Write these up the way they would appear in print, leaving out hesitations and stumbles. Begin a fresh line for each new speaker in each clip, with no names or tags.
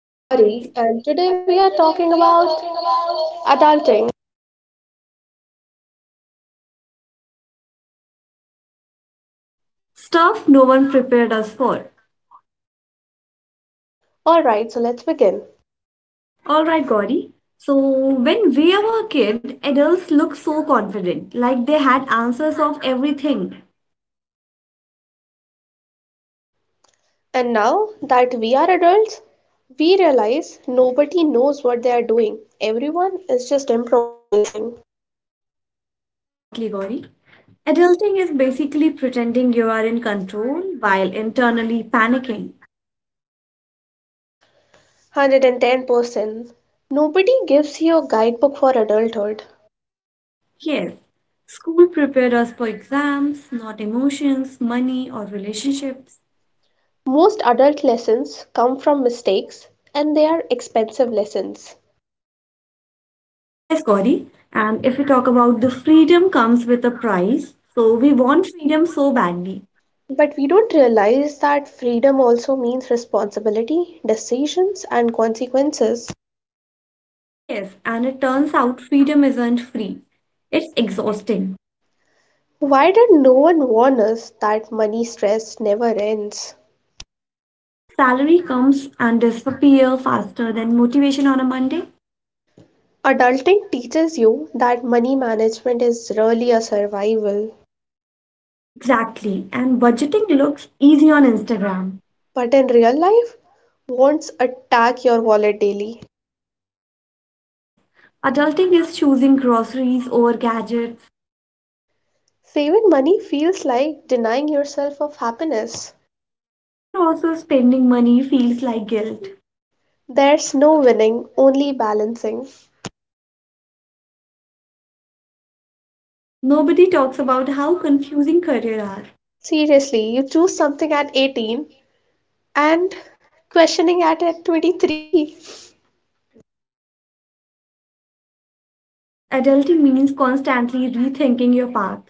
And I'm
I'm
Gauri,
Gauri.
and today we are talking about adulting.
Stuff no one prepared us for.
Alright, so let's begin.
All right, Gauri. So, when we were a kid, adults looked so confident, like they had answers of everything.
And now that we are adults, we realize nobody knows what they are doing. Everyone is just improvising.
Exactly, Gauri. Adulting is basically pretending you are in control while internally panicking.
110%. Nobody gives you a guidebook for adulthood.
Yes, school prepared us for exams, not emotions, money, or relationships.
Most adult lessons come from mistakes, and they are expensive lessons.
Yes, Gauri. And if we talk about the freedom comes with a price, so we want freedom so badly.
But we don't realize that freedom also means responsibility, decisions, and consequences.
Yes, and it turns out freedom isn't free. It's exhausting.
Why did no one warn us that money stress never ends?
I think salary comes and disappear faster than motivation on a Monday.
Adulting teaches you that money management is really a survival,
Exactly. And budgeting looks easy on Instagram.
but in real life, wants attack your wallet daily.
Yes. Adulting is choosing groceries over gadgets
Saving money feels like denying yourself of happiness.
and also spending money feels like guilt.
There's no winning, only balancing.
Yes, nobody talks about how confusing career are.
Seriously, you choose something at 18 and questioning at 23.
Yes, adulting means constantly rethinking your path.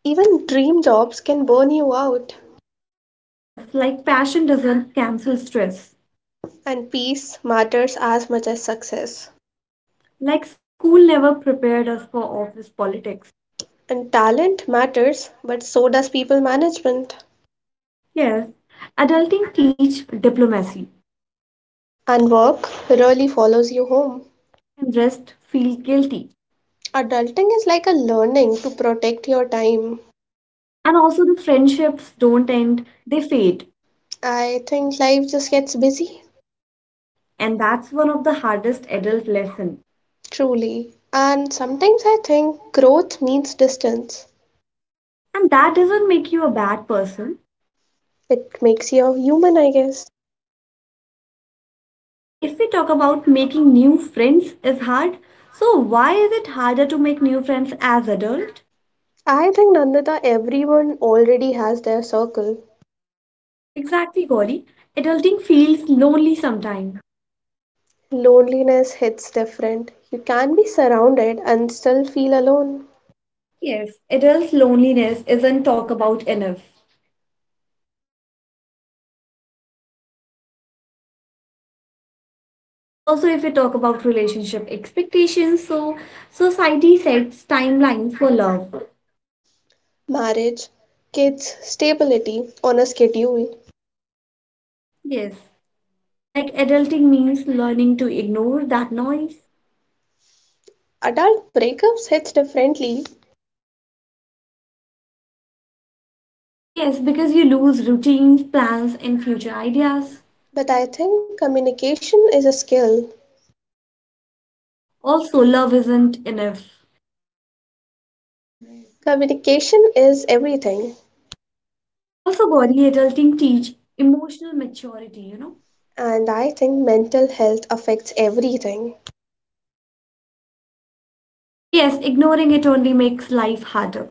Even dream jobs can burn you out.
Yes, like passion doesn't cancel stress.
And peace matters as much as success.
Like school never prepared us for office politics.
And talent matters, but so does people management.
Yes, adulting teach diplomacy
And work really follows you home.
and rest feel guilty.
Adulting is like a learning to protect your time.
And also the friendships don't end, they fade.
I think life just gets busy,
And that's one of the hardest adult lesson.
truly. And sometimes I think growth means distance.
And that doesn't make you a bad person.
It makes you a human, I guess.
Yes, and if we talk about making new friends is hard, so why is it harder to make new friends as adult?
I think Nandita, everyone already has their circle.
Exactly, Gauri. Adulting feels lonely sometimes.
Loneliness hits different. You can be surrounded and still feel alone.
Yes, adult loneliness isn't talked about enough. And also, if we talk about relationship expectations, so society sets timelines for love.
Marriage, kids, stability on a schedule.
Yes. Like adulting means learning to ignore that noise.
Adult breakups hit differently,
Yes, because you lose routines, plans, and future ideas.
but I think communication is a skill.
Also, love isn't enough.
Communication is everything,
Also, body adulting teach emotional maturity, you know?
and I think mental health affects everything.
Yes, ignoring it only makes life harder.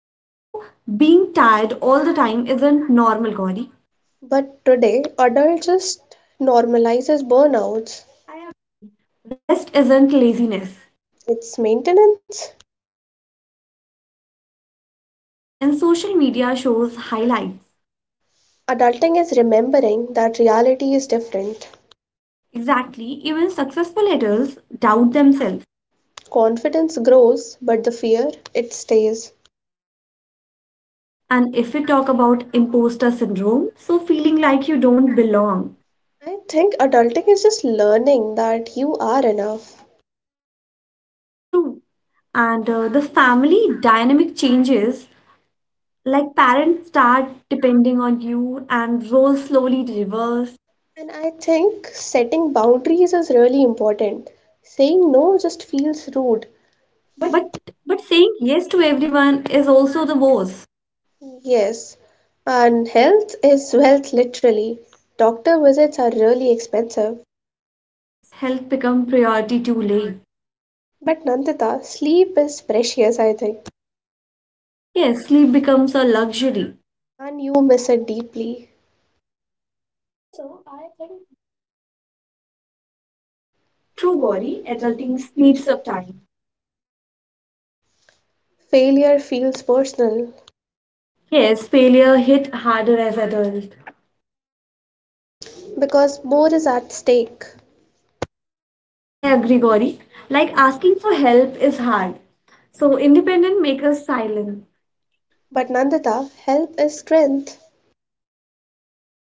Also, being tired all the time isn't normal, Gauri.
But today, adult just normalizes burnouts.
I agree. Rest isn't laziness.
It's maintenance.
Yes, and social media shows highlights.
Adulting is remembering that reality is different.
Exactly, even successful adults doubt themselves.
Confidence grows, but the fear, it stays.
And if we talk about imposter syndrome, so feeling like you don't belong.
I think adulting is just learning that you are enough.
True. And the family dynamic changes, like parents start depending on you and roles slowly reverse.
And I think setting boundaries is really important. Saying no just feels rude. But
But but saying yes to everyone is also the worst.
yes, and health is wealth literally. Doctor visits are really expensive.
Yes, health become priority too late.
But Nandita, sleep is precious, I think.
Yes, sleep becomes a luxury.
And you miss it deeply.
Also, I think
True
true
worry,
body,
adulting
adulting
speeds
speeds
up
up
time.
time.
Failure feels personal
Yes, failure hit harder as adult.
because more is at stake.
I agree, Gauri. Like asking for help is hard. So independent makes us silent.
But Nandita, help is strength.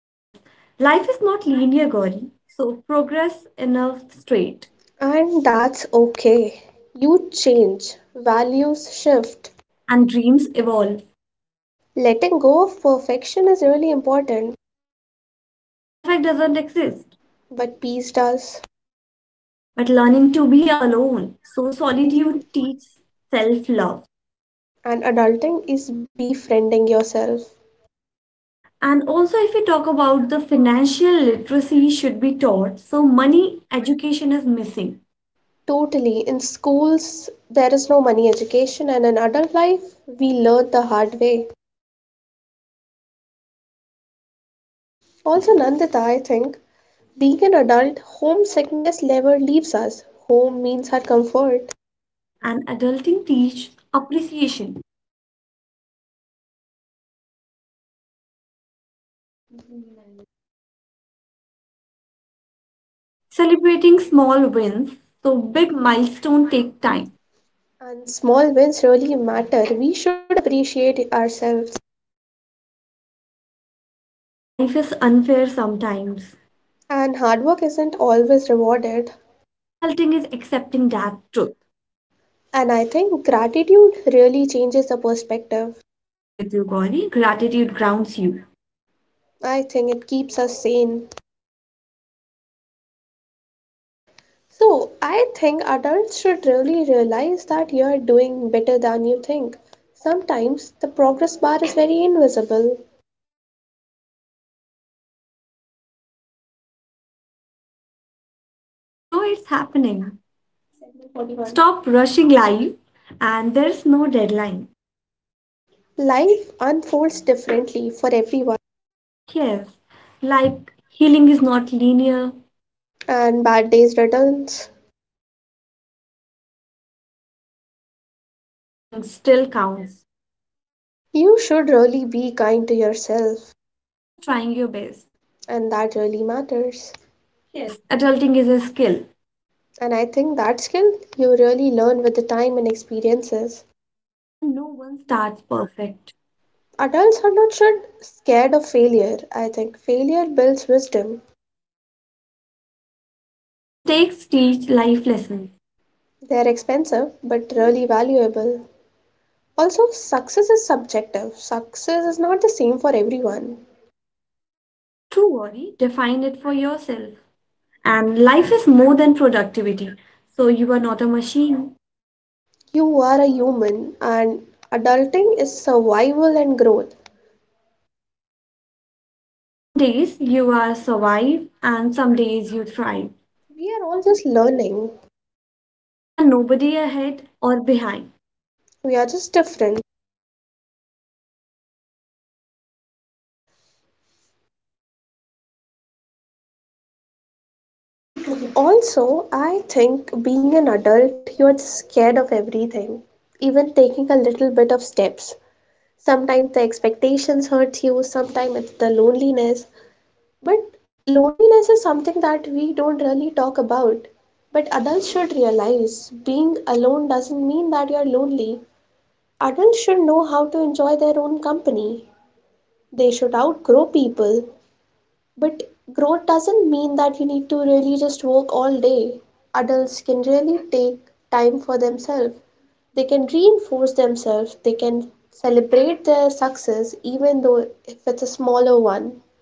Yes, life is not linear, Gauri. So progress enough straight.
And that's okay. You change, values shift.
And dreams evolve.
Letting go of perfection is really important,
And perfect doesn't exist.
but peace does.
But learning to be alone. So solitude teaches self-love.
And adulting is befriending yourself.
And also, if we talk about the financial literacy should be taught, so money education is missing.
Totally. In schools, there is no money education, and in adult life, we learn the hard way. Also, Nandita, I think being an adult, homesickness never leaves us. Home means our comfort,
And adulting teach appreciation, celebrating small wins. So big milestone take time.
and small wins really matter. We should appreciate ourselves.
Also, life is unfair sometimes.
And hard work isn't always rewarded.
Adulting is accepting that truth.
And I think gratitude really changes the perspective.
I agree with you, Gauri. Gratitude grounds you.
I think it keeps us sane. So I think adults should really realize that you're doing better than you think. Sometimes the progress bar is very invisible.
But you know it's happening. Stop rushing life, and there's no deadline.
Life unfolds differently for everyone,
Yes, like healing is not linear
and bad days returns.
and healing still counts,
You should really be kind to yourself,
and you are trying your best.
and that really matters.
Yes, adulting is a skill,
And I think that skill you really learn with the time and experiences.
and no one starts perfect.
Adults are not should scared of failure. I think failure builds wisdom.
And mistakes teach life lessons.
They are expensive but really valuable. Also, success is subjective. Success is not the same for everyone.
True worry, define it for yourself. And life is more than productivity, so you are not a machine.
You are a human and adulting is survival and growth.
Some days you are survive, and some days you thrive,
We are all just learning.
and nobody ahead or behind.
We are just different. Also, I think being an adult, you're scared of everything, even taking a little bit of steps. Sometimes the expectations hurt you, sometimes it's the loneliness. But loneliness is something that we don't really talk about. But adults should realize being alone doesn't mean that you're lonely. Adults should know how to enjoy their own company. They should outgrow people. But growth doesn't mean that you need to really just work all day. Adults can really take time for themselves. They can reinforce themselves. They can celebrate their success, even though if it's a smaller one.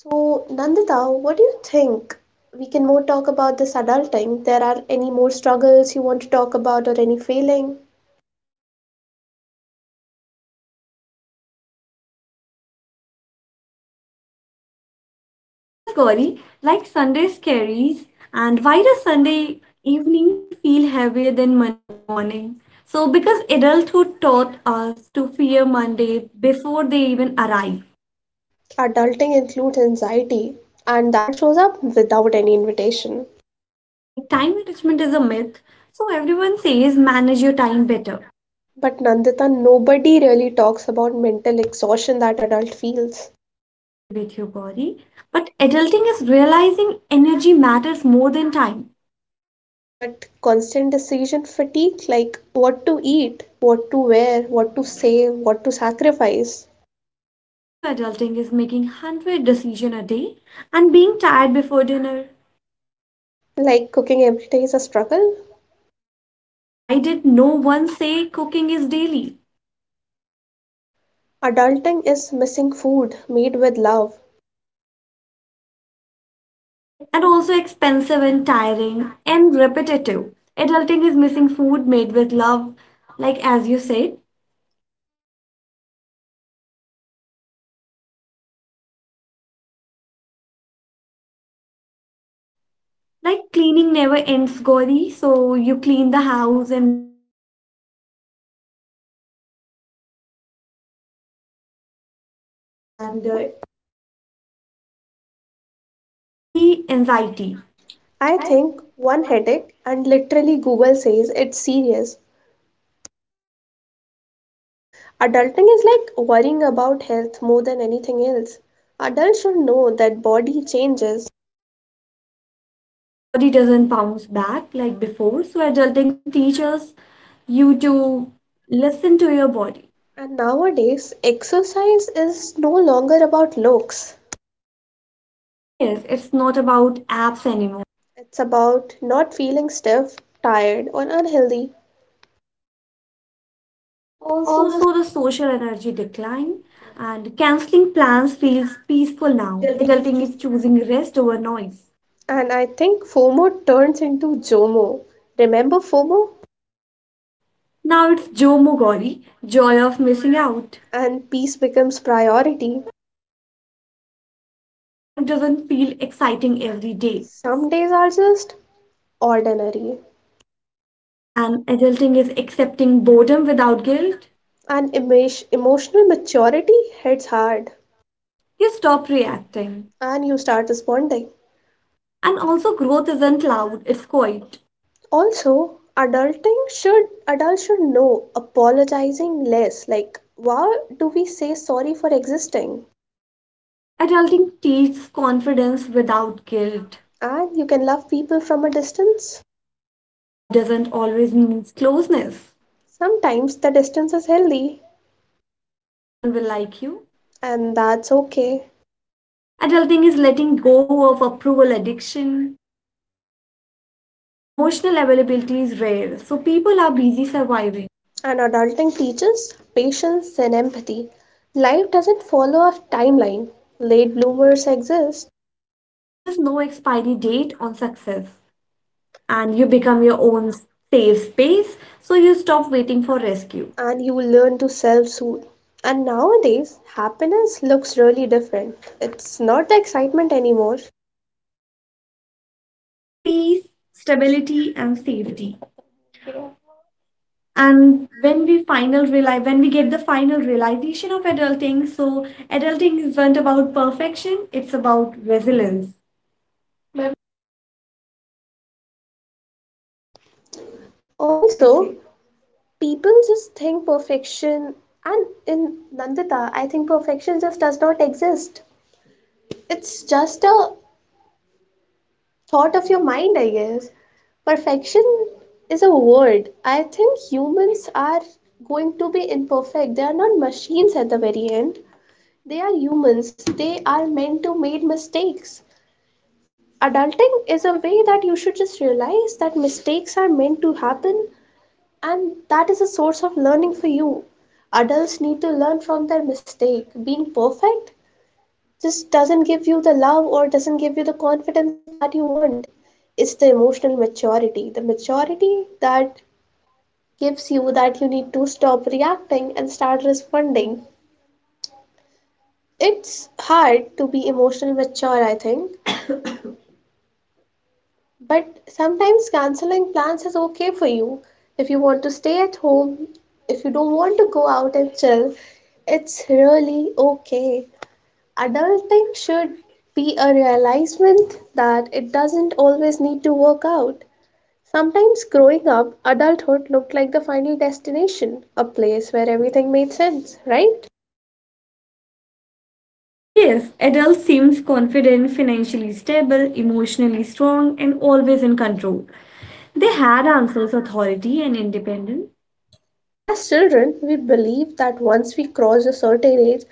So, Nandita, what do you think? We can more talk about this adulting. There are any more struggles you want to talk about or any failing?
Yes, Gauri, like Sundays carries, and why does Sunday evening feel heavier than Monday morning? So, because adulthood taught us to fear Monday before they even arrive.
Adulting includes anxiety, and that shows up without any invitation.
Yes, like time management is a myth, so everyone says manage your time better.
But Nandita, nobody really talks about mental exhaustion that adult feels.
I agree with you, Gauri. But adulting is realizing energy matters more than time.
But constant decision fatigue, like what to eat, what to wear, what to save, what to sacrifice.
Also, adulting is making 100 decisions a day and being tired before dinner.
Like cooking every day is a struggle.
Yes, why did no one say cooking is daily
Adulting is missing food made with love.
and also expensive and tiring and repetitive? Adulting is missing food made with love, like as you said. Like cleaning never ends, Gauri, so you clean the house and blink and it's dirty again. Adulting is realizing mess is permanent
And
and uh, like as I can say, healthy anxiety.
I think one headache, and literally Google says it's serious. Adulting is like worrying about health more than anything else. Adults should know that body changes.
Your body doesn't bounce back like before. So adulting teaches you to listen to your body.
And nowadays, exercise is no longer about looks.
Yes, it's not about apps anymore.
It's about not feeling stiff, tired, or unhealthy. Also, the
Also, the social energy decline and canceling plans feels peaceful now. Adulting is choosing rest over noise.
And I think FOMO turns into JOMO. Remember FOMO?
Now it's Jomo Gori, joy of missing out.
And peace becomes priority.
And life doesn't feel exciting every day.
Some days are just ordinary.
And adulting is accepting boredom without guilt.
And emotional maturity hits hard.
You stop
Yeah,
reacting.
and you start responding.
And also, growth isn't loud, it's quiet.
Also, adulting should adults should know apologizing less. Like, why do we say sorry for existing?
Adulting teaches confidence without guilt.
And you can love people from a distance.
And love doesn't always mean closeness.
Sometimes the distance is healthy,
Not everyone will like you.
and that's okay.
Adulting is letting go of approval addiction. And emotional availability is rare, so people are busy surviving.
And adulting teaches patience and empathy. Life doesn't follow a timeline. Late bloomers exist,
There is no expiry date on success. And you become your own safe space, so you stop waiting for rescue.
and you will learn to self soothe. And nowadays, happiness looks really different. It's not the excitement anymore.
It's peace, stability, and safety. And when we final realize, when we get the final realization of adulting, so adulting isn't about perfection, it's about resilience.
Also, people just think perfection and in Nandita I think perfection just does not exist. It's just a thought of your mind, I guess. Perfection is a word. I think humans are going to be imperfect. They are not machines at the very end. They are humans, they are meant to make mistakes. Adulting is a way that you should just realize that mistakes are meant to happen. And that is a source of learning for you. Adults need to learn from their mistake. Being perfect just doesn't give you the love or doesn't give you the confidence that you want. It's the emotional maturity, the maturity that gives you that you need to stop reacting and start responding. It's hard to be emotional mature, I think, but sometimes canceling plans is okay for you. If you want to stay at home, if you don't want to go out and chill, it's really okay. Adulting should be a realization that it doesn't always need to work out. Sometimes growing up, adulthood looked like the final destination, a place where everything made sense, right?
Yes, adult seems confident, financially stable, emotionally strong, and always in control. They had answers, authority, and independence.
As children, we believed that once we crossed a certain age,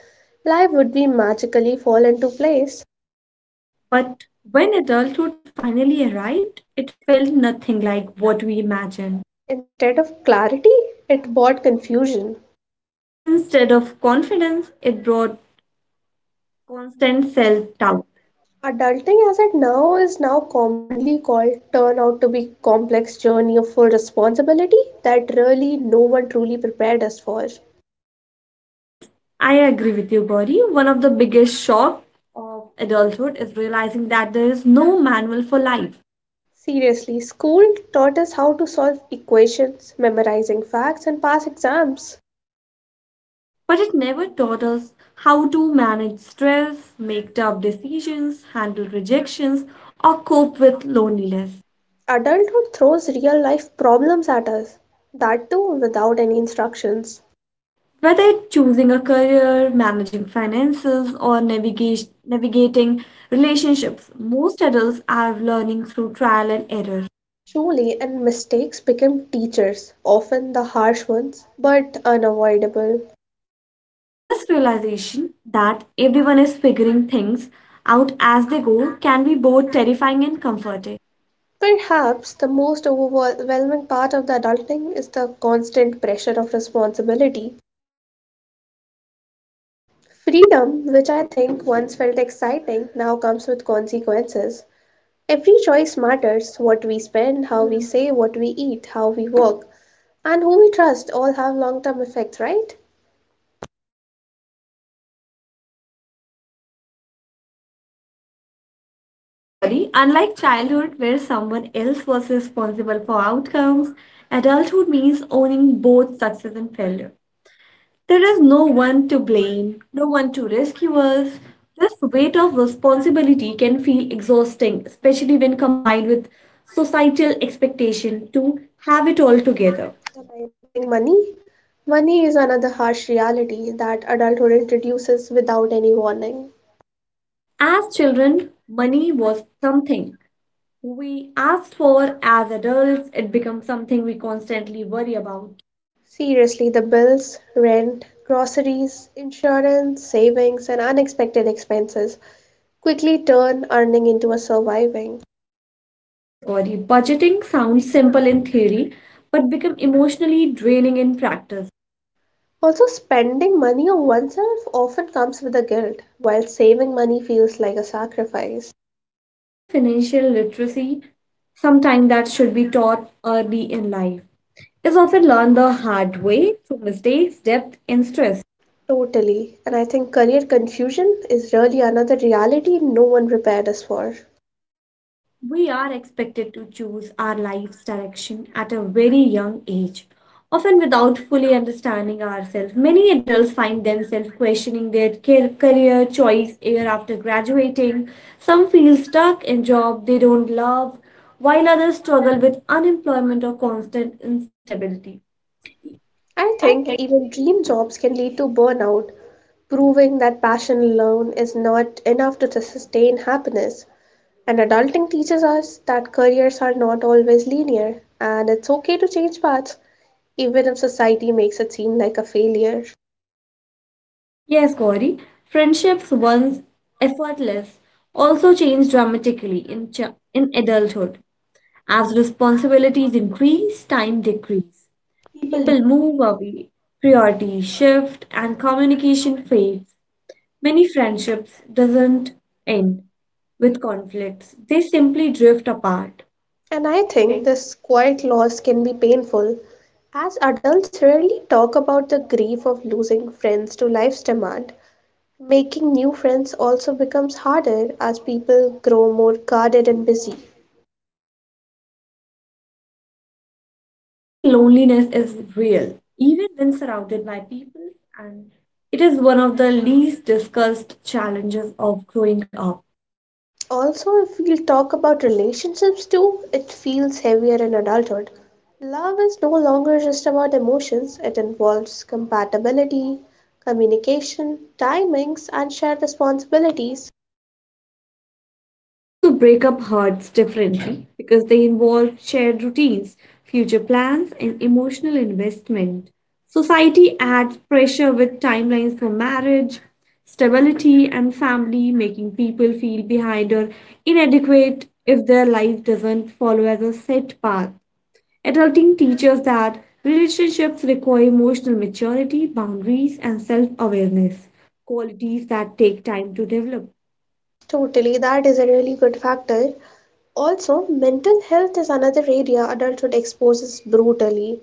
life would be magically fall into place.
But when adulthood finally arrived, it felt nothing like what we imagined.
Instead of clarity, it brought confusion.
And instead of confidence, it brought constant self doubt.
Adulting as it now is now commonly called turn out to be complex journey of full responsibility that really no one truly prepared us for.
Yes, I agree with you, Gauri. One of the biggest shock of adulthood is realizing that there is no manual for life.
Seriously, school taught us how to solve equations, memorizing facts and pass exams.
But it never taught us how to manage stress, make tough decisions, handle rejections, or cope with loneliness.
Adulthood throws real life problems at us, that too without any instructions.
Whether it's choosing a career, managing finances, or navigating relationships, most adults are learning through trial and error.
Truly, and mistakes become teachers, often the harsh ones, but unavoidable.
This realization that everyone is figuring things out as they go can be both terrifying and comforting.
Perhaps the most overwhelming part of the adulting is the constant pressure of responsibility. Freedom, which I think once felt exciting, now comes with consequences. Every choice matters what we spend, how we save, what we eat, how we work, and who we trust all have long term effects, right?
Yes, Gauri, unlike childhood where someone else was responsible for outcomes, adulthood means owning both success and failure. There is no one to blame, no one to rescue us. This weight of responsibility can feel exhausting, especially when combined with societal expectation to have it all together.
And I think money. Money is another harsh reality that adulthood introduces without any warning.
As children, money was something we asked for. As adults, it becomes something we constantly worry about.
Seriously, the bills, rent, groceries, insurance, savings, and unexpected expenses quickly turn earning into a surviving.
Yes, Gauri, budgeting sounds simple in theory, but become emotionally draining in practice.
Also, spending money on oneself often comes with a guilt, while saving money feels like a sacrifice.
Also, financial literacy, sometime that should be taught early in life, is often learned the hard way through mistakes, debt, and stress.
Totally. And I think career confusion is really another reality no one prepared us for.
We are expected to choose our life's direction at a very young age, often without fully understanding ourselves. Many adults find themselves questioning their career choice year after graduating. Some feel stuck in job they don't love, while others struggle with unemployment or constant instability.
I think even dream jobs can lead to burnout, proving that passion alone is not enough to sustain happiness. And adulting teaches us that careers are not always linear, and it's okay to change paths, even if society makes it seem like a failure.
Yes, Gauri, friendships once effortless also change dramatically in, in adulthood. As responsibilities increase, time decrease. People move away, priorities shift, and communication fades. Many friendships doesn't end with conflicts. They simply drift apart.
And I think this quiet loss can be painful, as adults rarely talk about the grief of losing friends to life's demand. Making new friends also becomes harder as people grow more guarded and busy.
Adult loneliness is real, even when surrounded by people, and it is one of the least discussed challenges of growing up.
Also, if we'll talk about relationships too, it feels heavier in adulthood. Love is no longer just about emotions, it involves compatibility, communication, timings, and shared responsibilities.
Also, break up hurts differently because they involve shared routines, future plans, and emotional investment. Society adds pressure with timelines for marriage, stability, and family, making people feel behind or inadequate if their life doesn't follow as a set path. Adulting teaches that relationships require emotional maturity, boundaries, and self awareness, qualities that take time to develop.
Totally, that is a really good factor. Also, mental health is another area adulthood exposes brutally.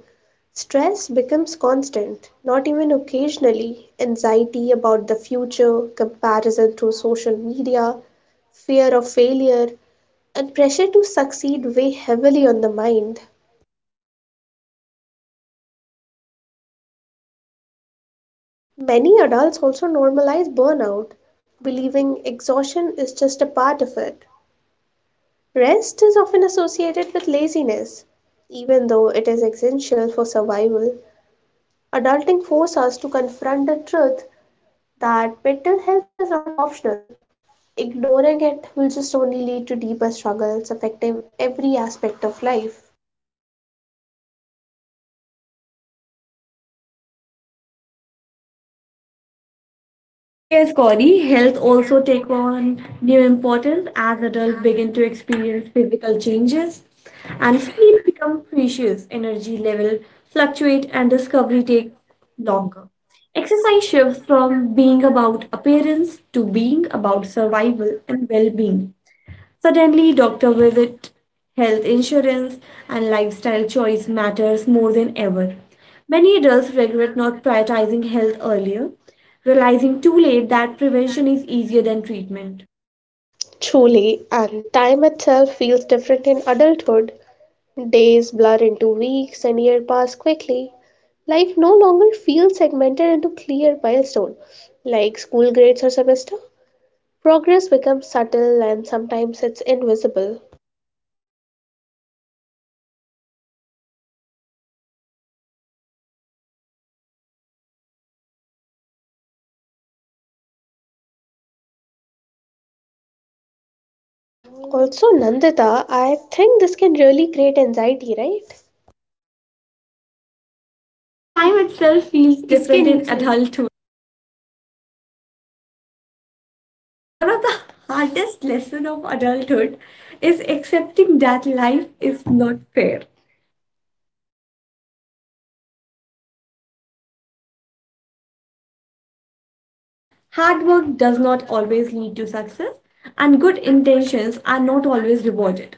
Stress becomes constant, not even occasionally. Anxiety about the future, comparison through social media, fear of failure, and pressure to succeed weigh heavily on the mind. Many adults also normalize burnout, believing exhaustion is just a part of it. Rest is often associated with laziness, even though it is essential for survival. Adulting forces us to confront the truth that mental health is not optional. Ignoring it will just only lead to deeper struggles affecting every aspect of life.
Yes, Gauri, health also take on new importance as adults begin to experience physical changes and sleep become precious, energy level fluctuate and discovery take longer. Exercise shifts from being about appearance to being about survival and well-being. Suddenly, doctor visit, health insurance, and lifestyle choice matters more than ever. Many adults regret not prioritizing health earlier, realizing too late that prevention is easier than treatment.
Truly, and time itself feels different in adulthood. Days blur into weeks and years pass quickly. Life no longer feels segmented into clear milestones, like school grades or semester. Progress becomes subtle and sometimes it's invisible. Also, Nandita, I think this can really create anxiety, right?
Time itself feels different in adulthood. One of the hardest lessons of adulthood is accepting that life is not fair. Hard work does not always lead to success, and good intentions are not always rewarded.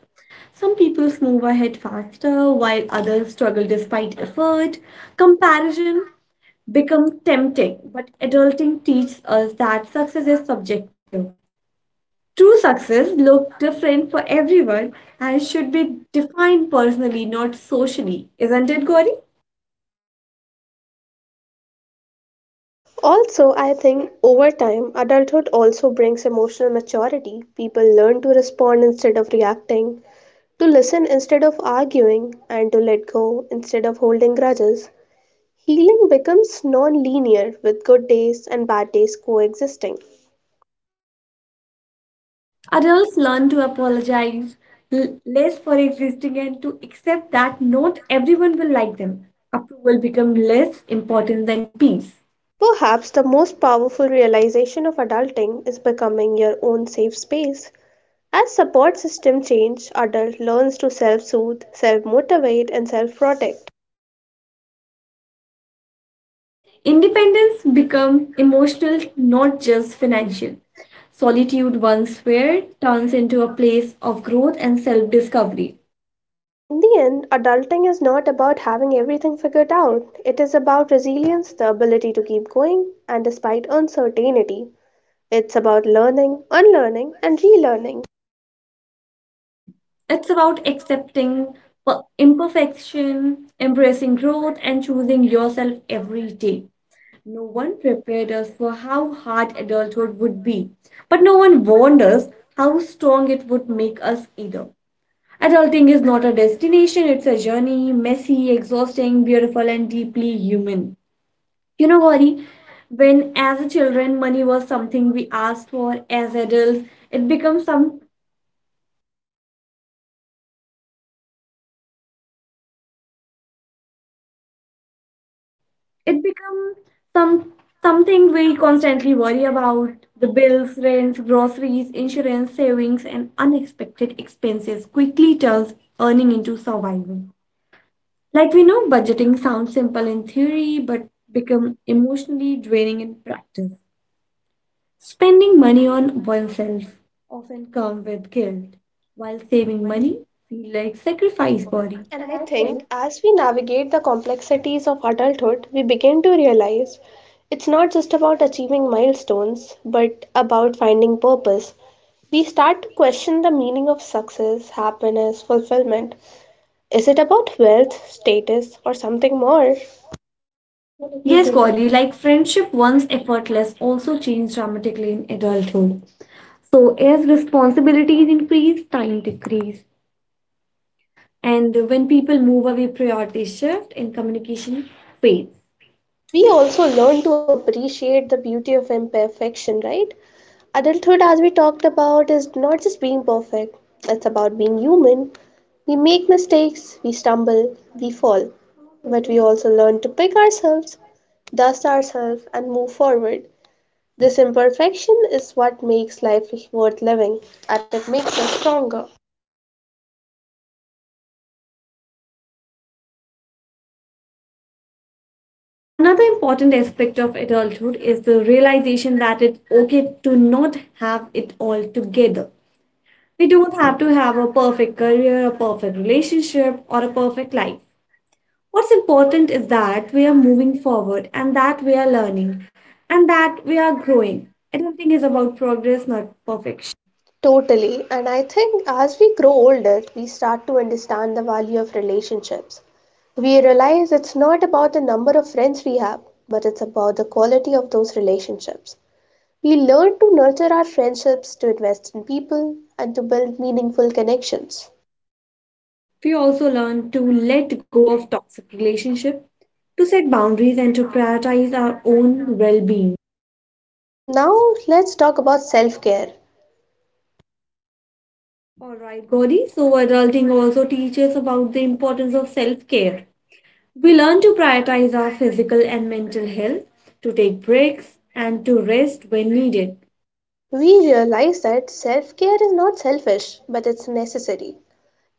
Some people move ahead faster, while others struggle despite effort. Comparison becomes tempting, but adulting teaches us that success is subjective. True success looks different for everyone and should be defined personally, not socially. Isn't it, Gauri?
Also, I think over time, adulthood also brings emotional maturity. People learn to respond instead of reacting, to listen instead of arguing, and to let go instead of holding grudges. Healing becomes non linear with good days and bad days coexisting.
Adults learn to apologize less for existing and to accept that not everyone will like them. Approval becomes less important than peace.
Perhaps the most powerful realization of adulting is becoming your own safe space. As support system change, adult learns to self-soothe, self-motivate and self-protect.
Independence becomes emotional, not just financial. Solitude once where turns into a place of growth and self discovery.
In the end, adulting is not about having everything figured out. It is about resilience, the ability to keep going, and despite uncertainty. It's about learning, unlearning, and relearning.
It's about accepting imperfection, embracing growth, and choosing yourself every day. No one prepared us for how hard adulthood would be, but no one warned us how strong it would make us either. Adulting is not a destination, it's a journey, messy, exhausting, beautiful, and deeply human. You know, Gauri, when as a children money was something we asked for, as adults, it becomes some it becomes some something we constantly worry about. The bills, rent, groceries, insurance, savings, and unexpected expenses quickly turns earning into survival. Like we know, budgeting sounds simple in theory but become emotionally draining in practice. Spending money on oneself often come with guilt,
While
while
saving
saving
money,
money feel like sacrifice body.
and I think as we navigate the complexities of adulthood, we begin to realize it's not just about achieving milestones, but about finding purpose. We start to question the meaning of success, happiness, fulfillment. Is it about wealth, status, or something more?
Yes, Gauri, like friendship once effortless also changed dramatically in adulthood. So as responsibilities increase, time decrease, and when people move away, priorities shift and communication fades.
We also learn to appreciate the beauty of imperfection, right? Adulthood, as we talked about, is not just being perfect, it's about being human. We make mistakes, we stumble, we fall, but we also learn to pick ourselves, dust ourselves, and move forward. This imperfection is what makes life worth living, and it makes us stronger.
Another important aspect of adulthood is the realization that it's okay to not have it all together. We don't have to have a perfect career, a perfect relationship, or a perfect life. What's important is that we are moving forward and that we are learning and that we are growing. Adulting is about progress, not perfection.
Totally, and I think as we grow older, we start to understand the value of relationships. We realize it's not about the number of friends we have, but it's about the quality of those relationships. We learn to nurture our friendships, to invest in people, and to build meaningful connections.
We also learn to let go of toxic relationship, to set boundaries and to prioritize our own well-being.
Now, let's talk about self care.
All right, Gauri. So adulting also teaches about the importance of self-care. We learn to prioritize our physical and mental health, to take breaks and to rest when needed.
We realize that self care is not selfish, but it's necessary.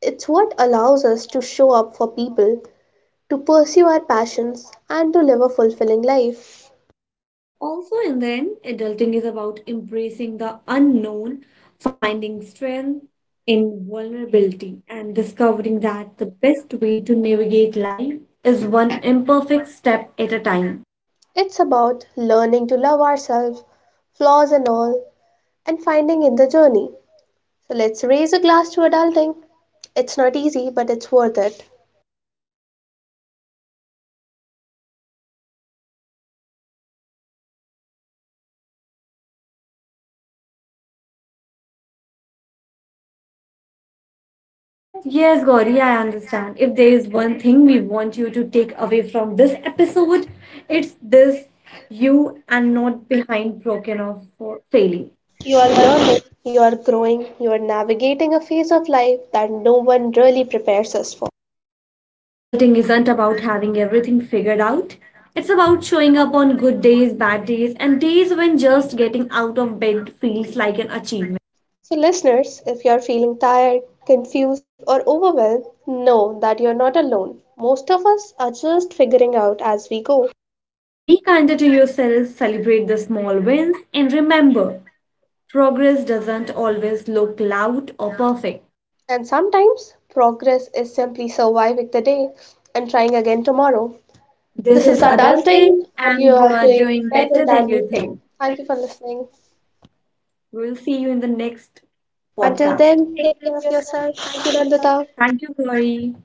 It's what allows us to show up for people, to pursue our passions, and to live a fulfilling life.
Also, and then adulting is about embracing the unknown, finding strength in vulnerability, and discovering that the best way to navigate life is one imperfect step at a time.
It's about learning to love ourselves, flaws and all, and finding in the journey. So, let's raise a glass to adulting. It's not easy, but it's worth it.
Yes, Gauri, I understand. If there is one thing we want you to take away from this episode, it's this: you are not behind broken off for failing.
You are learning, you are growing, you are navigating a phase of life that no one really prepares us for.
Adulting isn't about having everything figured out. It's about showing up on good days, bad days, and days when just getting out of bed feels like an achievement.
So, listeners, if you are feeling tired, confused, or overwhelmed, know that you are not alone. Most of us are just figuring out as we go.
Be kinder to yourself, celebrate the small wins, and remember progress doesn't always look loud or perfect.
And sometimes progress is simply surviving the day and trying again tomorrow. This This
This
is is
is
adulting,
adulting,
and
and
you
you
are
are
doing
doing
better
better than
than you
you
think.
think.
Thank you for listening.
We'll see you in the next
Until podcast.
podcast.
Then, take care of yourself. Thank you, Nandita.
Thank you, Corey.